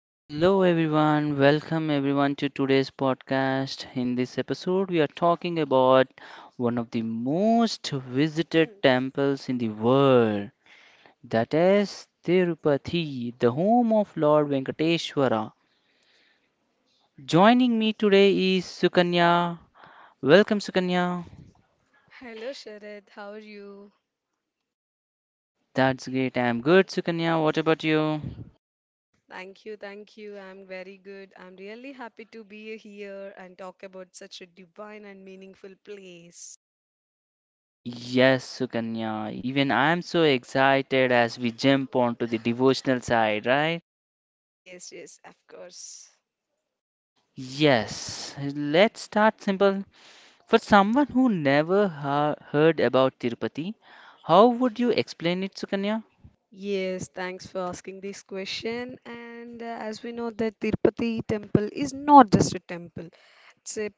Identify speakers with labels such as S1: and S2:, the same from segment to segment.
S1: Hello everyone, welcome everyone to today's podcast. In this episode, we are talking about one of the most visited temples in the world, that is Tirupati, the home of Lord Venkateshwara. Joining me today is Sukanya. Welcome, Sukanya.
S2: Hello, Sharad. How are you?
S1: That's great. I'm good, Sukanya. What about you?
S2: Thank you, thank you. I'm very good. I'm really happy to be here and talk about such a divine and meaningful place.
S1: Yes, Sukanya. Even I'm so excited as we jump onto the devotional side, right?
S2: Yes, yes, of course.
S1: Yes, let's start simple. For someone who never heard about Tirupati, how would you explain it, Sukanya?
S2: Yes, thanks for asking this question. And as we know that Tirupati temple is not just a temple. It's a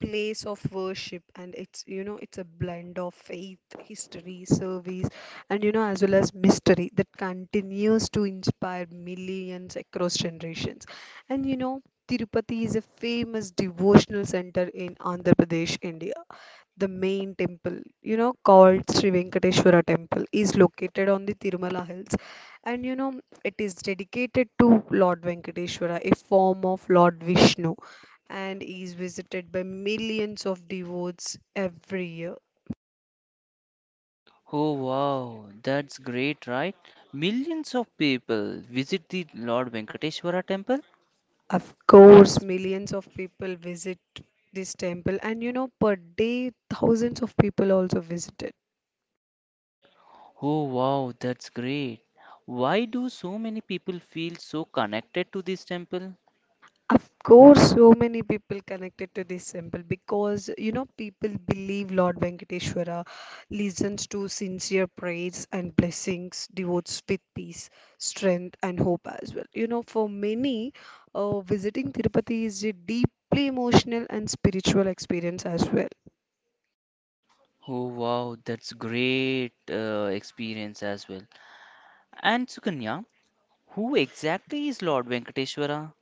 S2: place of worship, and it's you know it's a blend of faith, history, service, and as well as mystery that continues to inspire millions across generations. And Tirupati is a famous devotional center in Andhra Pradesh, India. The main temple, called Sri Venkateswara Temple, is located on the Tirumala Hills, and it is dedicated to Lord Venkateswara, a form of Lord Vishnu, and is visited by millions of devotees every year.
S1: Oh wow, that's great, right? Millions of people visit the Lord Venkateshwara temple.
S2: Of course, millions of people visit this temple, and per day, thousands of people also visit it.
S1: Oh wow, that's great. Why do so many people feel so connected to this temple?
S2: Of course, so many people connected to this symbol, because people believe Lord Venkateshwara listens to sincere prayers and blessings, devotes with peace, strength, and hope as well. For many, visiting Tirupati is a deeply emotional and spiritual experience as well.
S1: Oh wow, that's great experience as well. And Sukanya, who exactly is Lord Venkateshwara?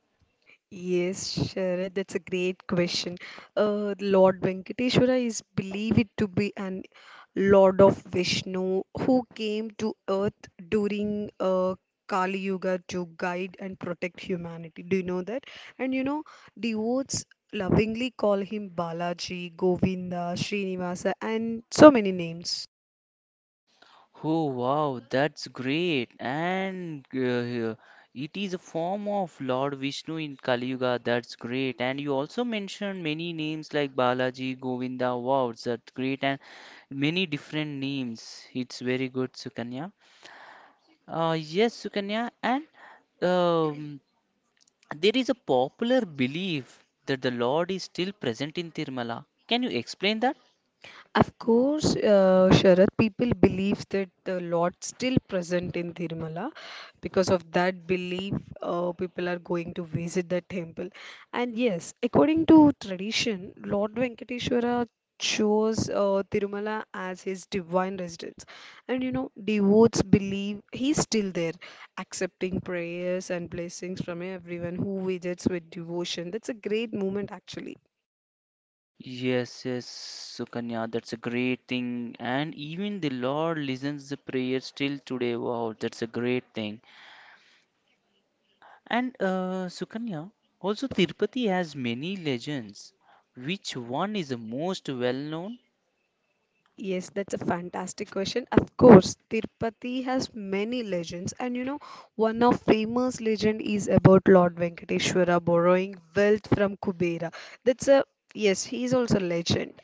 S2: Yes, Sharad, that's a great question. Lord Venkateshwara is believed to be an Lord of Vishnu who came to earth during Kali Yuga to guide and protect humanity. Do you know that? And devotees lovingly call him Balaji, Govinda, Srinivasa, and so many names.
S1: Oh wow, that's great. And It is a form of Lord Vishnu in Kali Yuga. That's great. And you also mentioned many names like Balaji, Govinda. Wow, that's great. And many different names. It's very good, Sukanya. Yes, Sukanya. And um, there is a popular belief that the Lord is still present in Tirumala. Can you explain that?
S2: Of course, Sharad, people believe that the Lord still present in Thirumala. Because of that belief, people are going to visit the temple. And yes, according to tradition, Lord Venkateshwara chose Thirumala as his divine residence. And devotees believe he's still there, accepting prayers and blessings from everyone who visits with devotion. That's a great moment, actually.
S1: Yes, yes, Sukanya, that's a great thing. And even the Lord listens the prayer still today. Wow, that's a great thing. And Sukanya, also Tirupati has many legends. Which one is the most well known?
S2: Yes, that's a fantastic question. Of course, Tirupati has many legends, and one of famous legend is about Lord Venkateshwara borrowing wealth from Kubera. That's a yes, he is also a legend.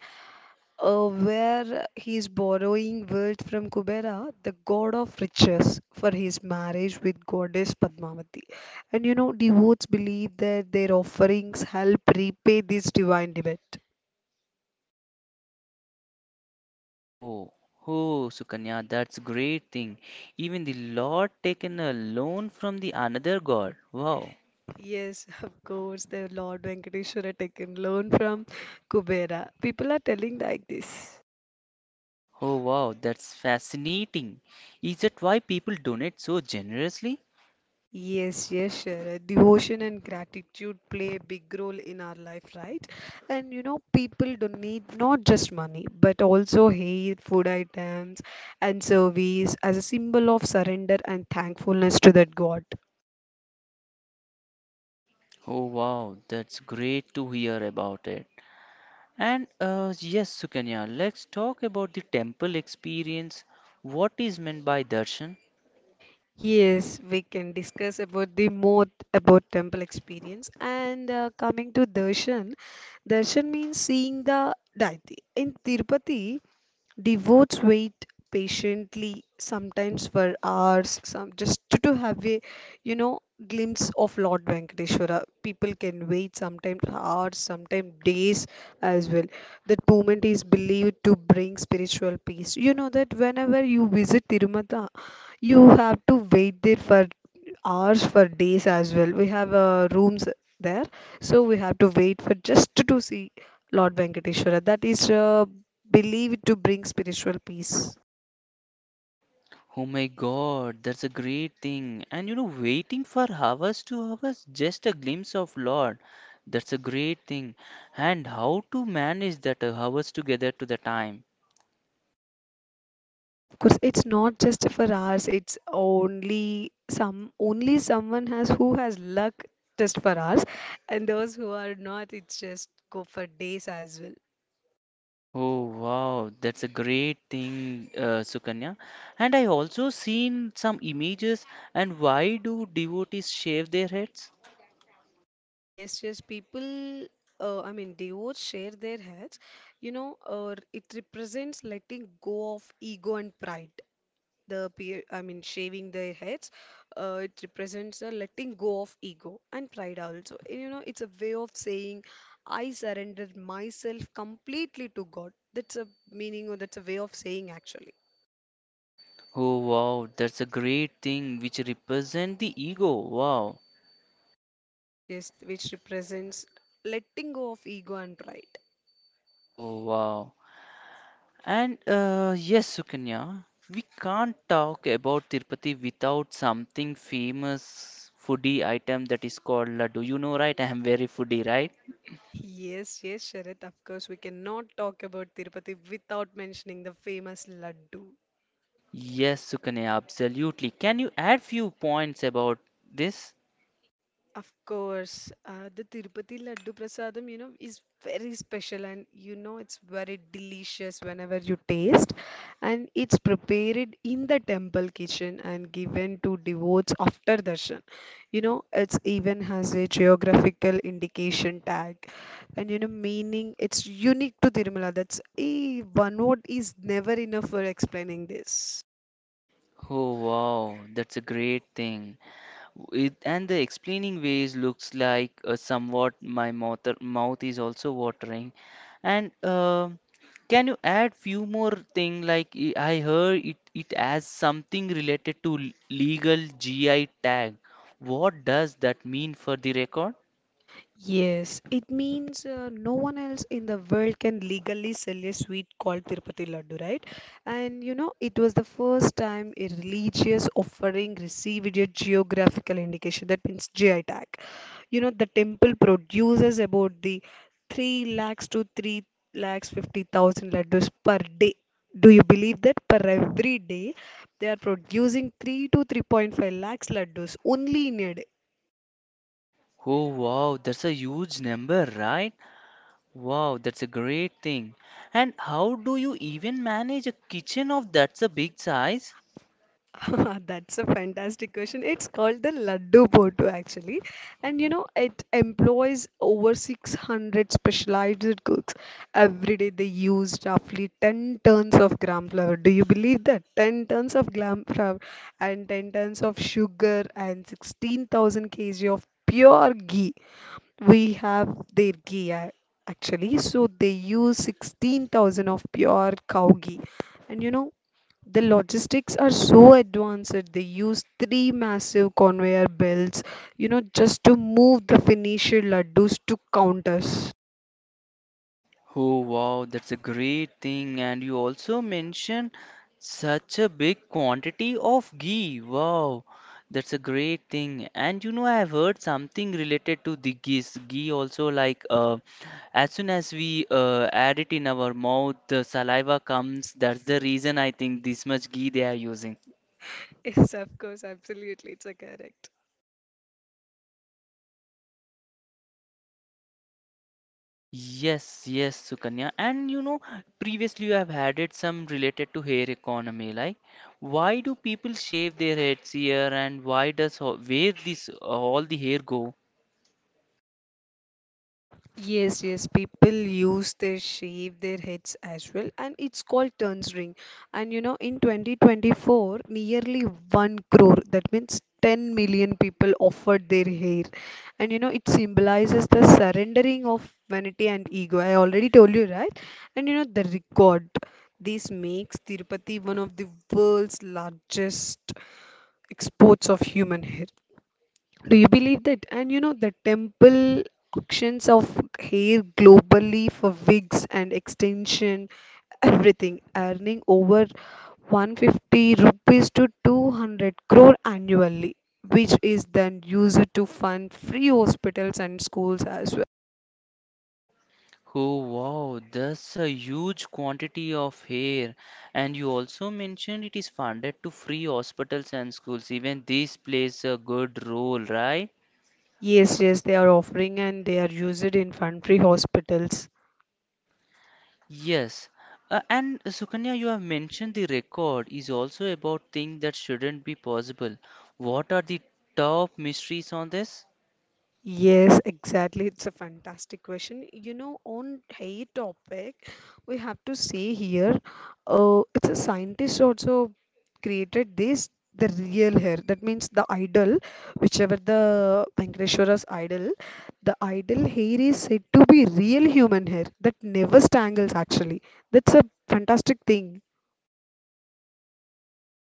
S2: Where he is borrowing wealth from Kubera, the god of riches, for his marriage with goddess Padmavati. And devotees believe that their offerings help repay this divine debt.
S1: Oh, oh, Sukanya, that's great thing. Even the Lord taken a loan from the another god. Wow.
S2: Yes, of course, the Lord Venkateshwara taken loan from Kubera. People are telling like this.
S1: Oh, wow, that's fascinating. Is that why people donate so generously?
S2: Yes, yes, sure. Devotion and gratitude play a big role in our life, right? And people don't need not just money, but also hair, food items, and service as a symbol of surrender and thankfulness to that God.
S1: Oh wow, that's great to hear about it. And Yes, Sukanya, let's talk about the temple experience. What is meant by darshan?
S2: Yes, we can discuss about the more about temple experience, and coming to darshan. Darshan means seeing the deity. In Tirupati, devotes wait patiently, sometimes for hours, some just to have a you know glimpse of Lord Venkateshwara. People can wait sometimes hours, sometimes days as well. That moment is believed to bring spiritual peace. You know that whenever you visit Tirumata, you have to wait there for hours, for days as well. We have rooms there, so we have to wait, for just to see Lord Venkateshwara, that is believed to bring spiritual peace.
S1: Oh my God, that's a great thing. And you know, waiting for hours to hours, just a glimpse of Lord. That's a great thing. And how to manage that hours together to the time.
S2: Yes, of course. It's not just for us. It's only someone has who has luck just for us, and those who are not, it's just go for days as well.
S1: Oh wow, that's a great thing, Sukanya. And I also seen some images. And why do devotees shave their heads?
S2: Yes, yes, I mean, devotees share their hats, or it represents letting go of ego and pride. I mean, shaving their heads, it represents a letting go of ego and pride also. It's a way of saying, I surrendered myself completely to God. That's a meaning, or that's a way of saying, actually.
S1: Oh wow, that's a great thing which represent the ego. Wow.
S2: Yes, yes, which represents letting go of ego and pride.
S1: Oh wow. And Yes, Sukanya, we can't talk about Tirupati without something famous foodie item that is called laddu. You know, right? I am very foodie, right?
S2: Yes, yes, Sharat, of course, we cannot talk about Tirupati without mentioning the famous laddu.
S1: Yes, Sukanya, absolutely. Can you add few points about this?
S2: Of course, the Tirupati Laddu Prasadam, is very special, and it's very delicious whenever you taste. And it's prepared in the temple kitchen and given to devotees after darshan. It's even has a geographical indication tag, and meaning it's unique to Tirumala. That's a one word is never enough for explaining this.
S1: Oh wow, that's a great thing. It, and the explaining ways looks like somewhat my mouth is also watering. And can you add few more thing like I heard it has something related to legal GI tag. What does that mean for the record?
S2: Yes, it means no one else in the world can legally sell a sweet called Tirupati Laddu, right? And it was the first time a religious offering received a geographical indication, that means GI tag. The temple produces about the 3 lakhs to 3 lakhs 50,000 laddus per day. Do you believe that per every day they are producing 3 to 3.5 lakhs laddus only in a day?
S1: Oh wow, that's a huge number, right? Wow, that's a great thing. And how do you even manage a kitchen of that's a big size?
S2: That's a fantastic question. It's called the Laddu Bhottu, actually, and it employs over 600 specialized cooks. Every day they use roughly 10 tons of gram flour. Do you believe that? 10 tons of gram flour, and 10 tons of sugar, and 16,000 kg of pure ghee. We have their ghee, actually, so they use 16,000 of pure cow ghee. And the logistics are so advanced. They use three massive conveyor belts, just to move the finished laddus to counters.
S1: Oh wow, that's a great thing. And you also mentioned such a big quantity of ghee. Wow, that's a great thing. And you know, I've heard something related to the ghee. Ghee also like as soon as we add it in our mouth, the saliva comes. That's the reason I think this much ghee they are using.
S2: Yes, of course, absolutely, it's a correct.
S1: Yes, yes, Sukanya. And you know, previously you have added some related to hair economy. Like, why do people shave their heads here, and why does where this all the hair go?
S2: Yes, yes, people use their shave their heads as well, and it's called turns ring. And in 2024, nearly 1 crore, that means 10 million people offered their hair. And it symbolizes the surrendering of vanity and ego. I already told you, right? And the record. This makes Tirupati one of the world's largest exports of human hair. Do you believe that? And the temple auctions of hair globally for wigs and extension, everything, earning over 150 rupees to 200 crore annually, which is then used to fund free hospitals and schools as well.
S1: Oh wow, that's a huge quantity of hair. And you also mentioned it is funded to free hospitals and schools. Even this plays a good role, right?
S2: Yes, yes, they are offering and they are used in fund free hospitals.
S1: Yes. And Sukanya, you have mentioned the record is also about things that shouldn't be possible. What are the top mysteries on this?
S2: Yes, exactly. It's a fantastic question. On hay topic, we have to say here, it's a scientist also created this the real hair. That means the idol, whichever the Venkateshwara's idol, the idol hair is said to be real human hair that never strangles, actually. That's a fantastic thing.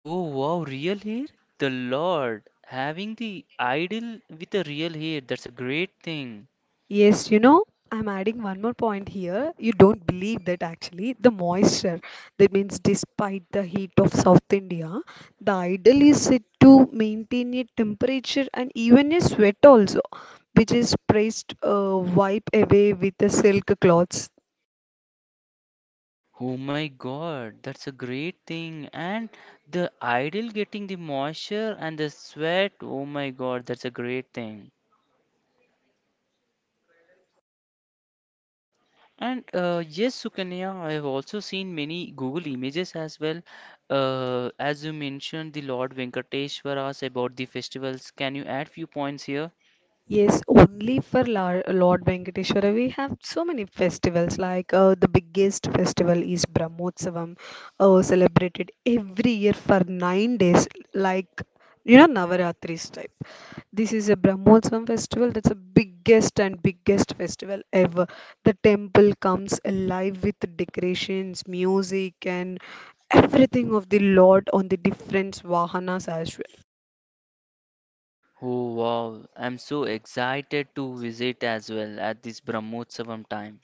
S1: Oh, wow, real hair? The Lord. Having the idol with a real hair, that's a great thing.
S2: Yes, I'm adding one more point here. You don't believe that actually the moisture, that means despite the heat of South India, the ideal is said to maintain a temperature and even a sweat also, which is pressed, wipe away with the silk cloths.
S1: Oh my God, that's a great thing. And the idol getting the moisture and the sweat, oh my God, that's a great thing. And Yes, Sukanya, I have also seen many Google images as well. As you mentioned, the Lord Venkateshwar about the festivals. Can you add few points here?
S2: Yes, only for Lord Venkateshwara. We have so many festivals. Like the biggest festival is Brahmotsavam, celebrated every year for 9 days, like Navaratri's type. This is a Brahmotsavam festival. That's the biggest and biggest festival ever. The temple comes alive with decorations, music, and everything of the Lord on the different vahanas as well.
S1: Oh wow, I'm so excited to visit as well at this Brahmotsavam time.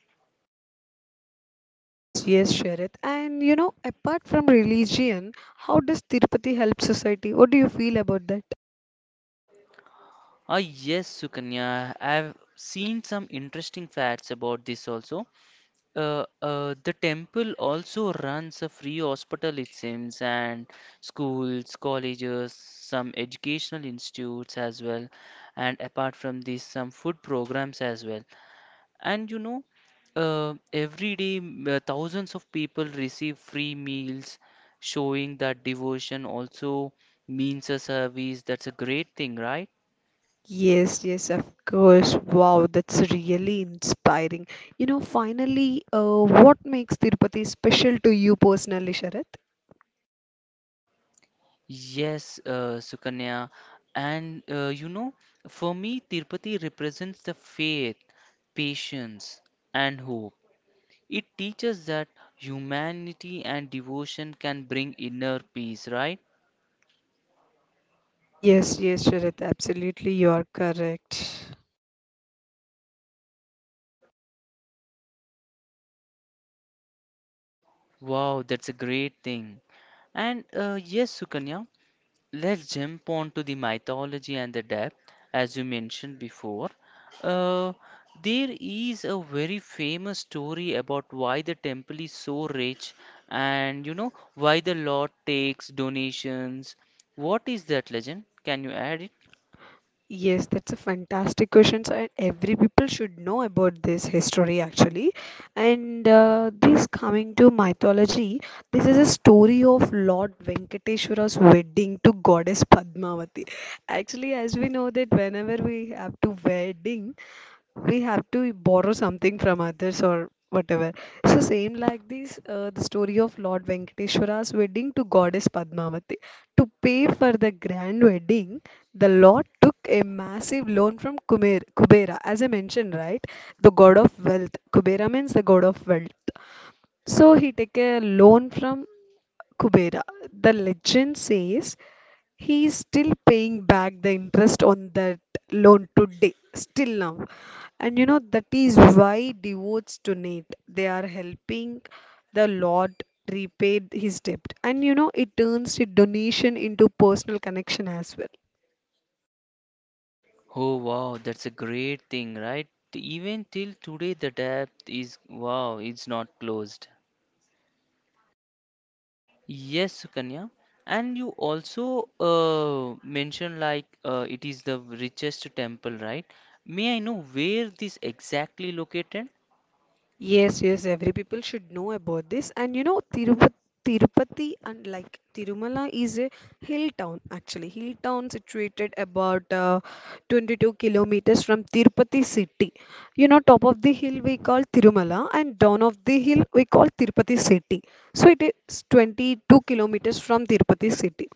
S2: Yes, yes, Sharad. And apart from religion, how does Tirupati help society? What do you feel about that?
S1: Ah yes, Sukanya, I've seen some interesting facts about this also. The temple also runs a free hospital, it seems, and schools, colleges, some educational institutes as well, and apart from this, some food programs as well. And you know, every day, thousands of people receive free meals, showing that devotion also means a service. That's a great thing, right?
S2: Yes, yes, of course. Wow, that's really inspiring. Finally, what makes Tirupati special to you personally, Sharad?
S1: Yes, Sukanya. And You know, for me, Tirupati represents the faith, patience, and hope. It teaches that humanity and devotion can bring inner peace, right?
S2: Yes, yes, Sharad. Absolutely, you are correct.
S1: Wow, that's a great thing. And Yes, Sukanya. Let's jump on to the mythology and the depth, as you mentioned before. Uh, there is a very famous story about why the temple is so rich and you know why the Lord takes donations. What is that legend? Can you add it?
S2: Yes, that's a fantastic question, sir, and every people should know about this history, actually. And this coming to mythology, this is a story of Lord Venkateshwara's wedding to goddess Padmavati. Actually, as we know that whenever we have to wedding, we have to borrow something from others or whatever. So same like this, the story of Lord Venkateshwara's wedding to goddess Padmavati. To pay for the grand wedding, the Lord took a massive loan from Kumer, Kubera, as I mentioned, right? The god of wealth. Kubera means the god of wealth. So he take a loan from Kubera. The legend says he is still paying back the interest on that loan today, still now. And that is why devotes donate. They are helping the Lord repay his debt. And it turns the donation into personal connection as well.
S1: Oh wow, that's a great thing, right? Even till today, the depth is wow, it's not closed. Yes, Sukanya. And you also mentioned like it is the richest temple, right? May I know where this exactly located?
S2: Yes, yes, every people should know about this. And Tirupati, and like Tirumala is a hill town, actually. Hill town situated about 22 kilometers from Tirupati city. You know, top of the hill we call Tirumala, and down of the hill we call Tirupati city. So it is 22 kilometers from Tirupati city,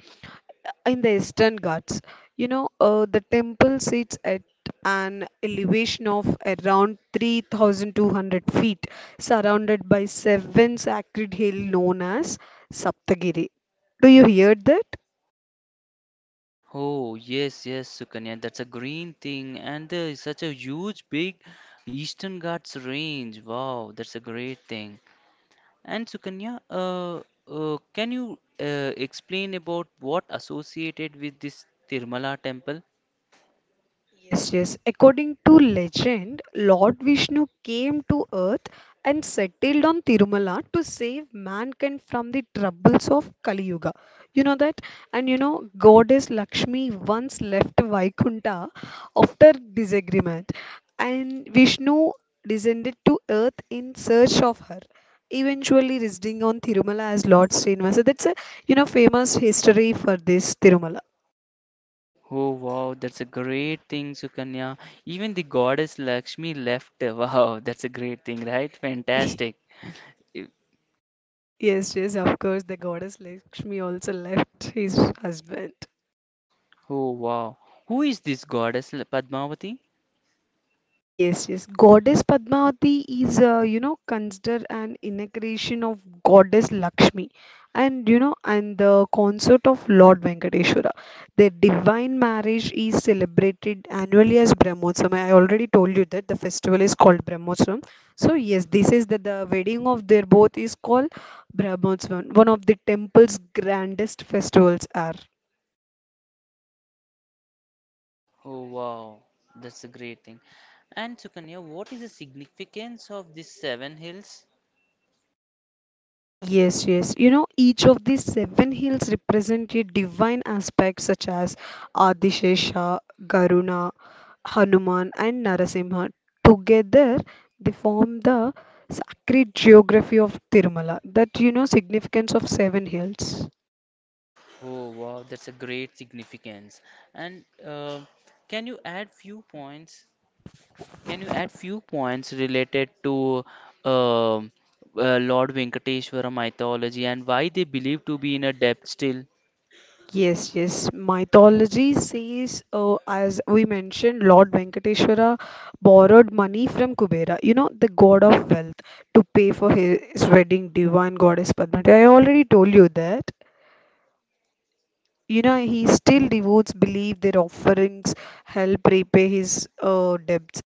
S2: in the Eastern Ghats. The temple sits at an elevation of around 3,200 feet, surrounded by seven sacred hills known as Saptagiri. Do you hear that?
S1: Oh, yes, yes, Sukanya. That's a green thing, and there is such a huge, big Eastern Ghats range. Wow, that's a great thing. And Sukanya, can you explain about what associated with this Tirumala temple?
S2: Yes, yes. According to legend, Lord Vishnu came to earth and settled on Tirumala to save mankind from the troubles of Kali Yuga. You know that? And goddess Lakshmi once left Vaikunta after disagreement, and Vishnu descended to earth in search of her, eventually residing on Tirumala as Lord Srinivasa. That's a famous history for this Tirumala.
S1: Oh wow, that's a great thing, Sukanya. Even the goddess Lakshmi left. Wow, that's a great thing, right? Fantastic. I-
S2: Yes, yes, of course, the goddess Lakshmi also left his husband.
S1: Oh wow. Who is this goddess, Padmavati?
S2: Yes, yes. Goddess Padmavati is, considered an incarnation of Goddess Lakshmi, and the consort of Lord Venkateshwara. Their divine marriage is celebrated annually as Brahmotsavam. I already told you that the festival is called Brahmotsavam. So yes, this is that the wedding of their both is called Brahmotsavam, one of the temple's grandest festivals are.
S1: Oh wow, that's a great thing. And Sukanya, what is the significance of these seven hills?
S2: Yes, yes. You know, each of these seven hills represent a divine aspect such as Adishesha, Garuna, Hanuman, and Narasimha. Together, they form the sacred geography of Tirumala. That, you know, significance of seven hills.
S1: Oh wow, that's a great significance. And uh, can you add few points? Can you add few points related to uh, uh, Lord Venkateshwara mythology and why they believe to be in a depth still?
S2: Yes, yes. Mythology says, as we mentioned, Lord Venkateshwara borrowed money from Kubera, you know, the god of wealth, to pay for his wedding, divine goddess Padmati. I already told you that. You know, he still devotes believe their offerings help repay his debts.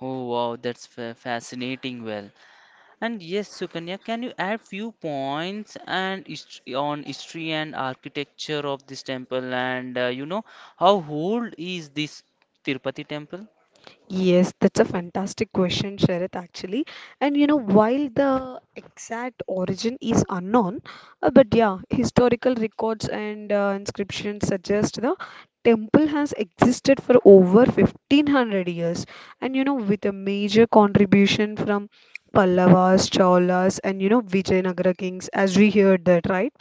S1: Oh wow, that's fascinating. Well, and yes, Sukanya, can you add few points and on history and architecture of this temple and you know how old is this Tirupati temple?
S2: Yes, that's a fantastic question, Sharad, actually. And you know, while the exact origin is unknown, but yeah, historical records and inscriptions suggest the temple has existed for over 1,500 years. And you know, with a major contribution from Pallavas, Cholas, and you know, Vijayanagara kings, as we heard that, right?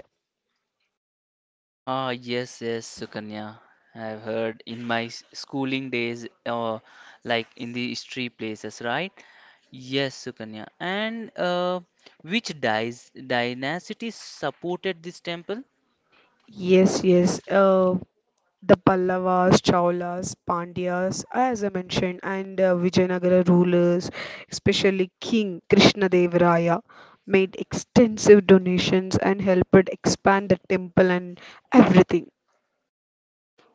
S1: Ah, yes, yes, Sukanya. I've heard in my schooling days, like in the history places, right? Yes, Sukanya. And Which dies dynasty supported this temple?
S2: Yes, yes. The Pallavas, Cholas, Pandyas, as I mentioned, and Vijayanagara rulers, especially King Krishnadevaraya, made extensive donations and helped expand the temple and everything.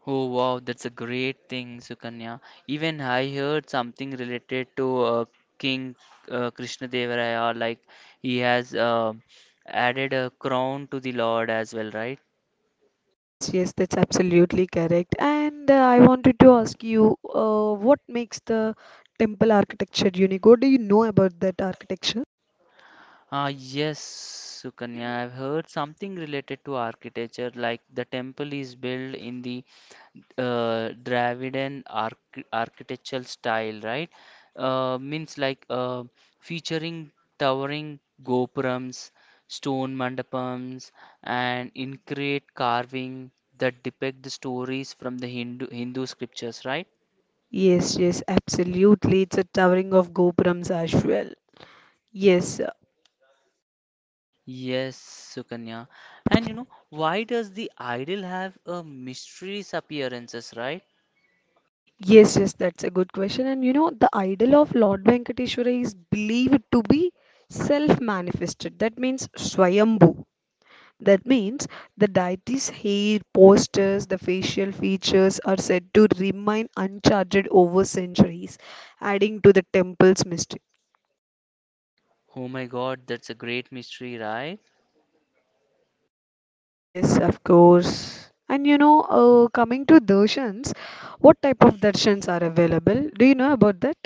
S1: Oh, wow, that's a great thing, Sukanya. Even I heard something related to King Krishnadevaraya, like he has added a crown to the Lord as well, right?
S2: Yes, yes, that's absolutely correct. And I wanted to ask you, what makes the temple architecture unique? What do you know about that architecture?
S1: Ah, yes, Sukanya. I've heard something related to architecture, like the temple is built in the Dravidian architectural style, right? Means like featuring towering gopurams, stone mandapams, and intricate carving that depict the stories from the Hindu scriptures, right?
S2: Yes, yes, absolutely. It's a towering of gopurams as well. Yes,
S1: Yes, Sukanya. And you know, why does the idol have a mysterious appearances, right?
S2: yes, yes, that's a good question. And you know, the idol of Lord Venkateshwara is believed to be self manifested. That means Swayambhu. That means the deity's hair, postures, the facial features are said to remain uncharted over centuries, adding to the temple's mystery.
S1: Oh my God, that's a great mystery, right?
S2: Yes, of course. And you know, coming to darshans, what type of darshans are available? Do you know about that?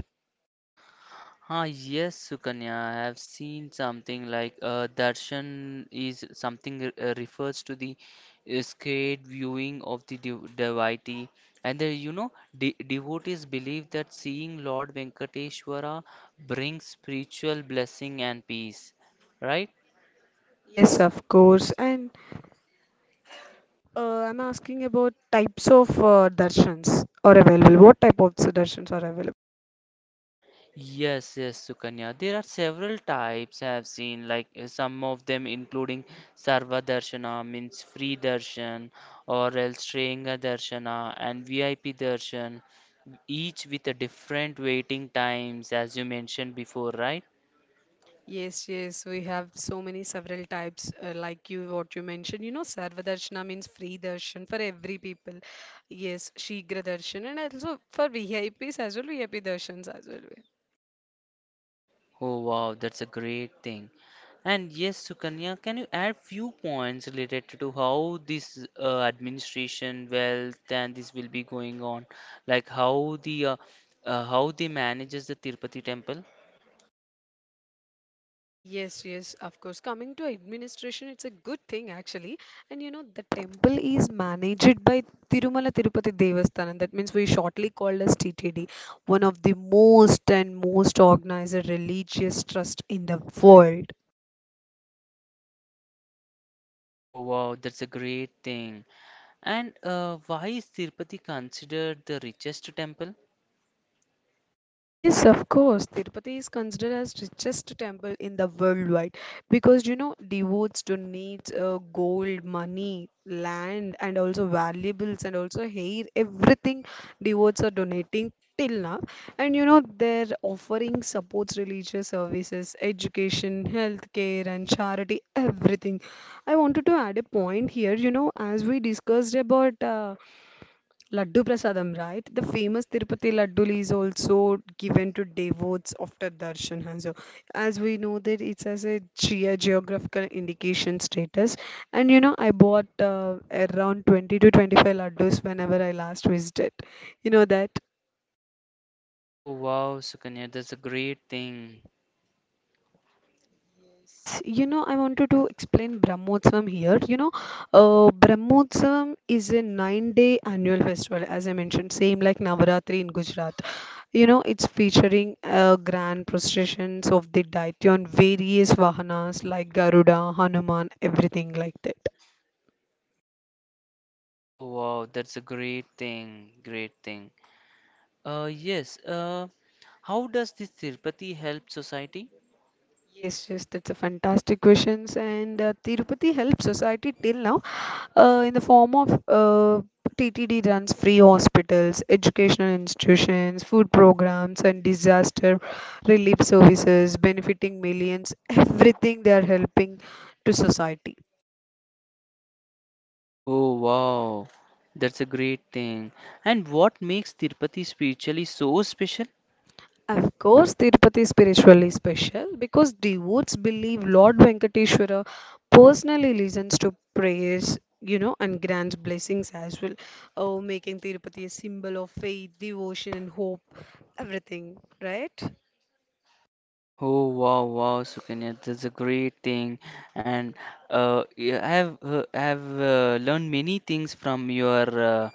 S1: Ah, yes, Sukanya, I have seen something like darshan is something refers to the scared viewing of the devotee, and the, you know de devotees believe that seeing Lord Venkateshwara brings spiritual blessing and peace, right?
S2: Yes, of course. And I'm asking about types of darshans are available. What type of darshans are available?
S1: Yes, yes, Sukanya. There are several types I have seen, like some of them including Sarva Darshana, means free darshan, or else Shreyanga Darshana and VIP darshan, each with a different waiting times, as you mentioned before, right?
S2: Yes, yes, we have so many several types, like you what you mentioned. You know, Sarva Darshana means free darshan for every people. Yes, Shigra Darshan and also for VIPs as well, VIP darshans as well.
S1: Oh wow, that's a great thing. And yes, Sukanya, can you add few points related to how this administration wealth and this will be going on, like how the how they manages the Tirupati temple?
S2: Yes, yes, of course. Coming to administration, it's a good thing actually. And you know, the temple is managed by Tirumala Tirupati Devasthanam. That means we shortly called as TTD, one of the most and most organized religious trust in the world.
S1: Oh wow, that's a great thing. And Why is Tirupati considered the richest temple?
S2: Yes, of course. Tirupati is considered as richest temple in the worldwide because you know devotes donate gold, money, land, and also valuables and also hair. Everything devotes are donating till now, and you know their offering supports religious services, education, healthcare, and charity. Everything. I wanted to add a point here. You know, as we discussed about. Laddu Prasadam, right? The famous Tirupati Ladduli is also given to devotees after darshan. And so, as we know that it's as a geographical indication status. And you know, I bought around 20 to 25 laddus whenever I last visited. You know that?
S1: Oh wow, Sukanya, that's a great thing.
S2: You know, I wanted to explain Brahmotsavam here. You know, Brahmotsavam is a nine-day annual festival, as I mentioned, same like Navaratri in Gujarat. You know, it's featuring grand processions of the deity on various vahanas like Garuda, Hanuman, everything like that.
S1: Oh wow, that's a great thing, great thing. Uh, yes, uh, how does this Tirupati help society?
S2: Yes, yes, that's a fantastic questions, and Tirupati helps society till now, in the form of TTD runs free hospitals, educational institutions, food programs, and disaster relief services, benefiting millions. Everything they are helping to society.
S1: Oh wow, that's a great thing. And what makes Tirupati spiritually so special?
S2: Of course, Tirupati is spiritually special because devotees believe Lord Venkateshwara personally listens to prayers, you know, and grants blessings as well. Oh, making Tirupati a symbol of faith, devotion, and hope. Everything, right?
S1: Oh wow, wow, Sukanya, that's a great thing. And yeah, I have learned many things from your uh,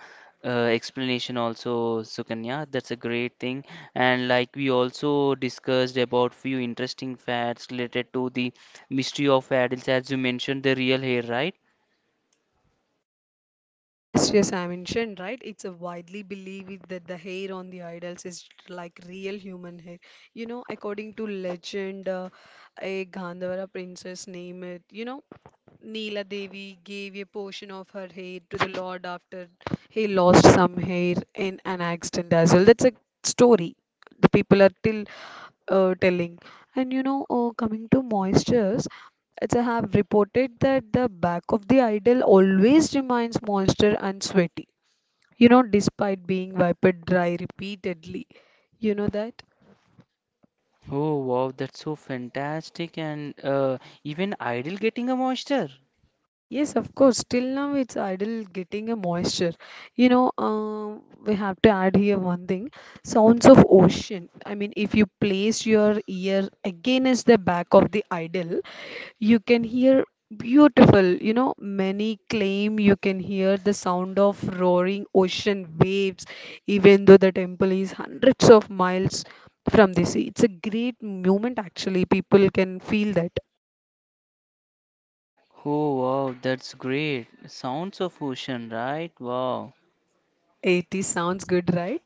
S1: uh, explanation also, Sukanya. That's a great thing. And like we also discussed about few interesting facts related to the mystery of idols, as you mentioned, the real hair, right?
S2: Yes, yes, I mentioned, right? It's a widely believed that the hair on the idols is like real human hair. You know, according to legend, a Gandhara princess named, it, you know, Neela Devi gave a portion of her hair to the Lord after he lost some hair in an accident as well. That's a story. The people are till telling. And you know, coming to moistures, it's I have reported that the back of the idol always remains moisture and sweaty, you know, despite being wiped dry repeatedly. You know that?
S1: Oh wow, that's so fantastic and even idle getting a monster.
S2: Yes, of course. Till now, it's idle getting a moisture. You know, we have to add here one thing. Sounds of ocean. I mean, if you place your ear against the back of the idol, you can hear beautiful, you know, many claim you can hear the sound of roaring ocean waves, even though the temple is hundreds of miles from the sea. It's a great moment, actually. People can feel that.
S1: Oh wow, that's great. Sounds of ocean, right? Wow.
S2: Sounds good, right?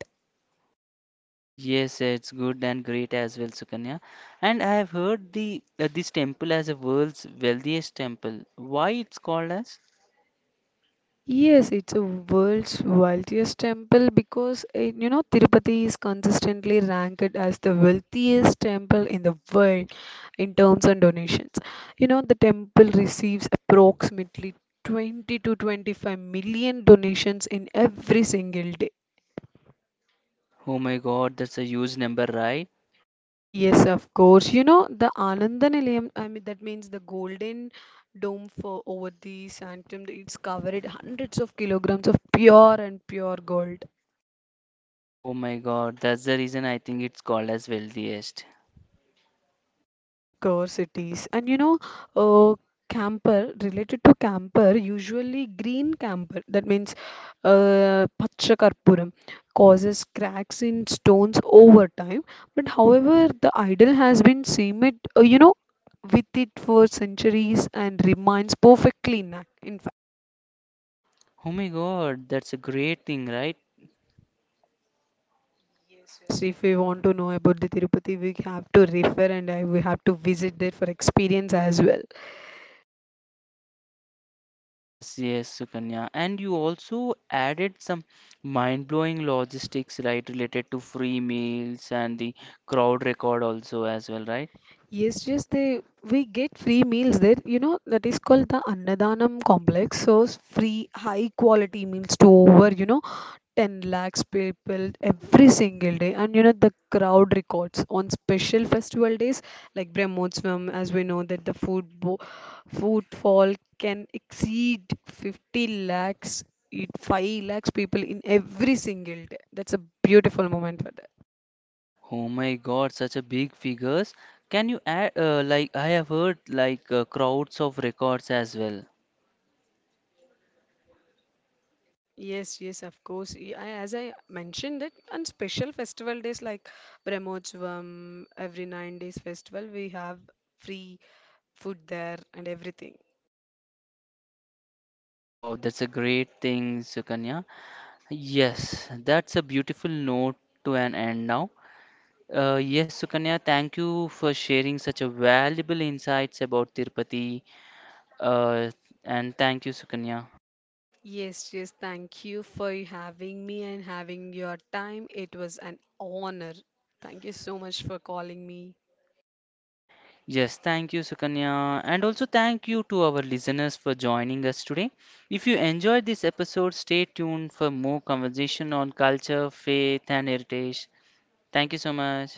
S1: Yes, it's good and great as well, Sukanya. And I have heard the this temple as a world's wealthiest temple. Why it's called as?
S2: Yes, it's a world's wealthiest temple because you know Tirupati is consistently ranked as the wealthiest temple in the world in terms of donations. You know the temple receives approximately 20 to 25 million donations in every single day.
S1: Oh my God, that's a huge number, right?
S2: Yes, of course. You know the Ananda Nilayam, I mean that means the golden dome for over the sanctum. It's covered hundreds of kilograms of pure gold.
S1: Oh my God, that's the reason I think it's called as wealthiest.
S2: Of course it is. And you know, uh, camper, related to camper, usually green camper, that means Pachakarpuram, causes cracks in stones over time. But however, the idol has been cemented, you know, with it for centuries and remains perfectly intact. In fact,
S1: Oh my God, that's a great thing, right?
S2: yes, if we want to know about the Tirupati, we have to refer and I, we have to visit there for experience as well.
S1: Yes, yes, Sukanya. And you also added some mind-blowing logistics, right, related to free meals and the crowd record also as well, right?
S2: Yes, yes, they we get free meals there. You know, that is called the Annadanam complex. So free high quality meals to over, you know, 10 lakhs people every single day. And you know, the crowd records on special festival days like Brahmotsavam, as we know that the food bo footfall can exceed 50 lakhs, it- 5 lakhs people in every single day. That's a beautiful moment for that.
S1: Oh my God, such a big figures. Can you add, like, I have heard like crowds of records as well.
S2: Yes, yes, of course. As I mentioned it, on special festival days like Brahmotsavam, every 9 days festival, we have free food there and everything.
S1: Wow, that's a great thing, Sukanya. Yes, that's a beautiful note to an end now. Yes, Sukanya, thank you for sharing such a valuable insights about Tirupati. Uh, and thank you, Sukanya.
S2: Yes, yes, thank you for having me and having your time. It was an honor. Thank you so much for calling me.
S1: Yes, thank you, Sukanya. And also thank you to our listeners for joining us today. If you enjoyed this episode, stay tuned for more conversation on culture, faith, and heritage. Thank you so much.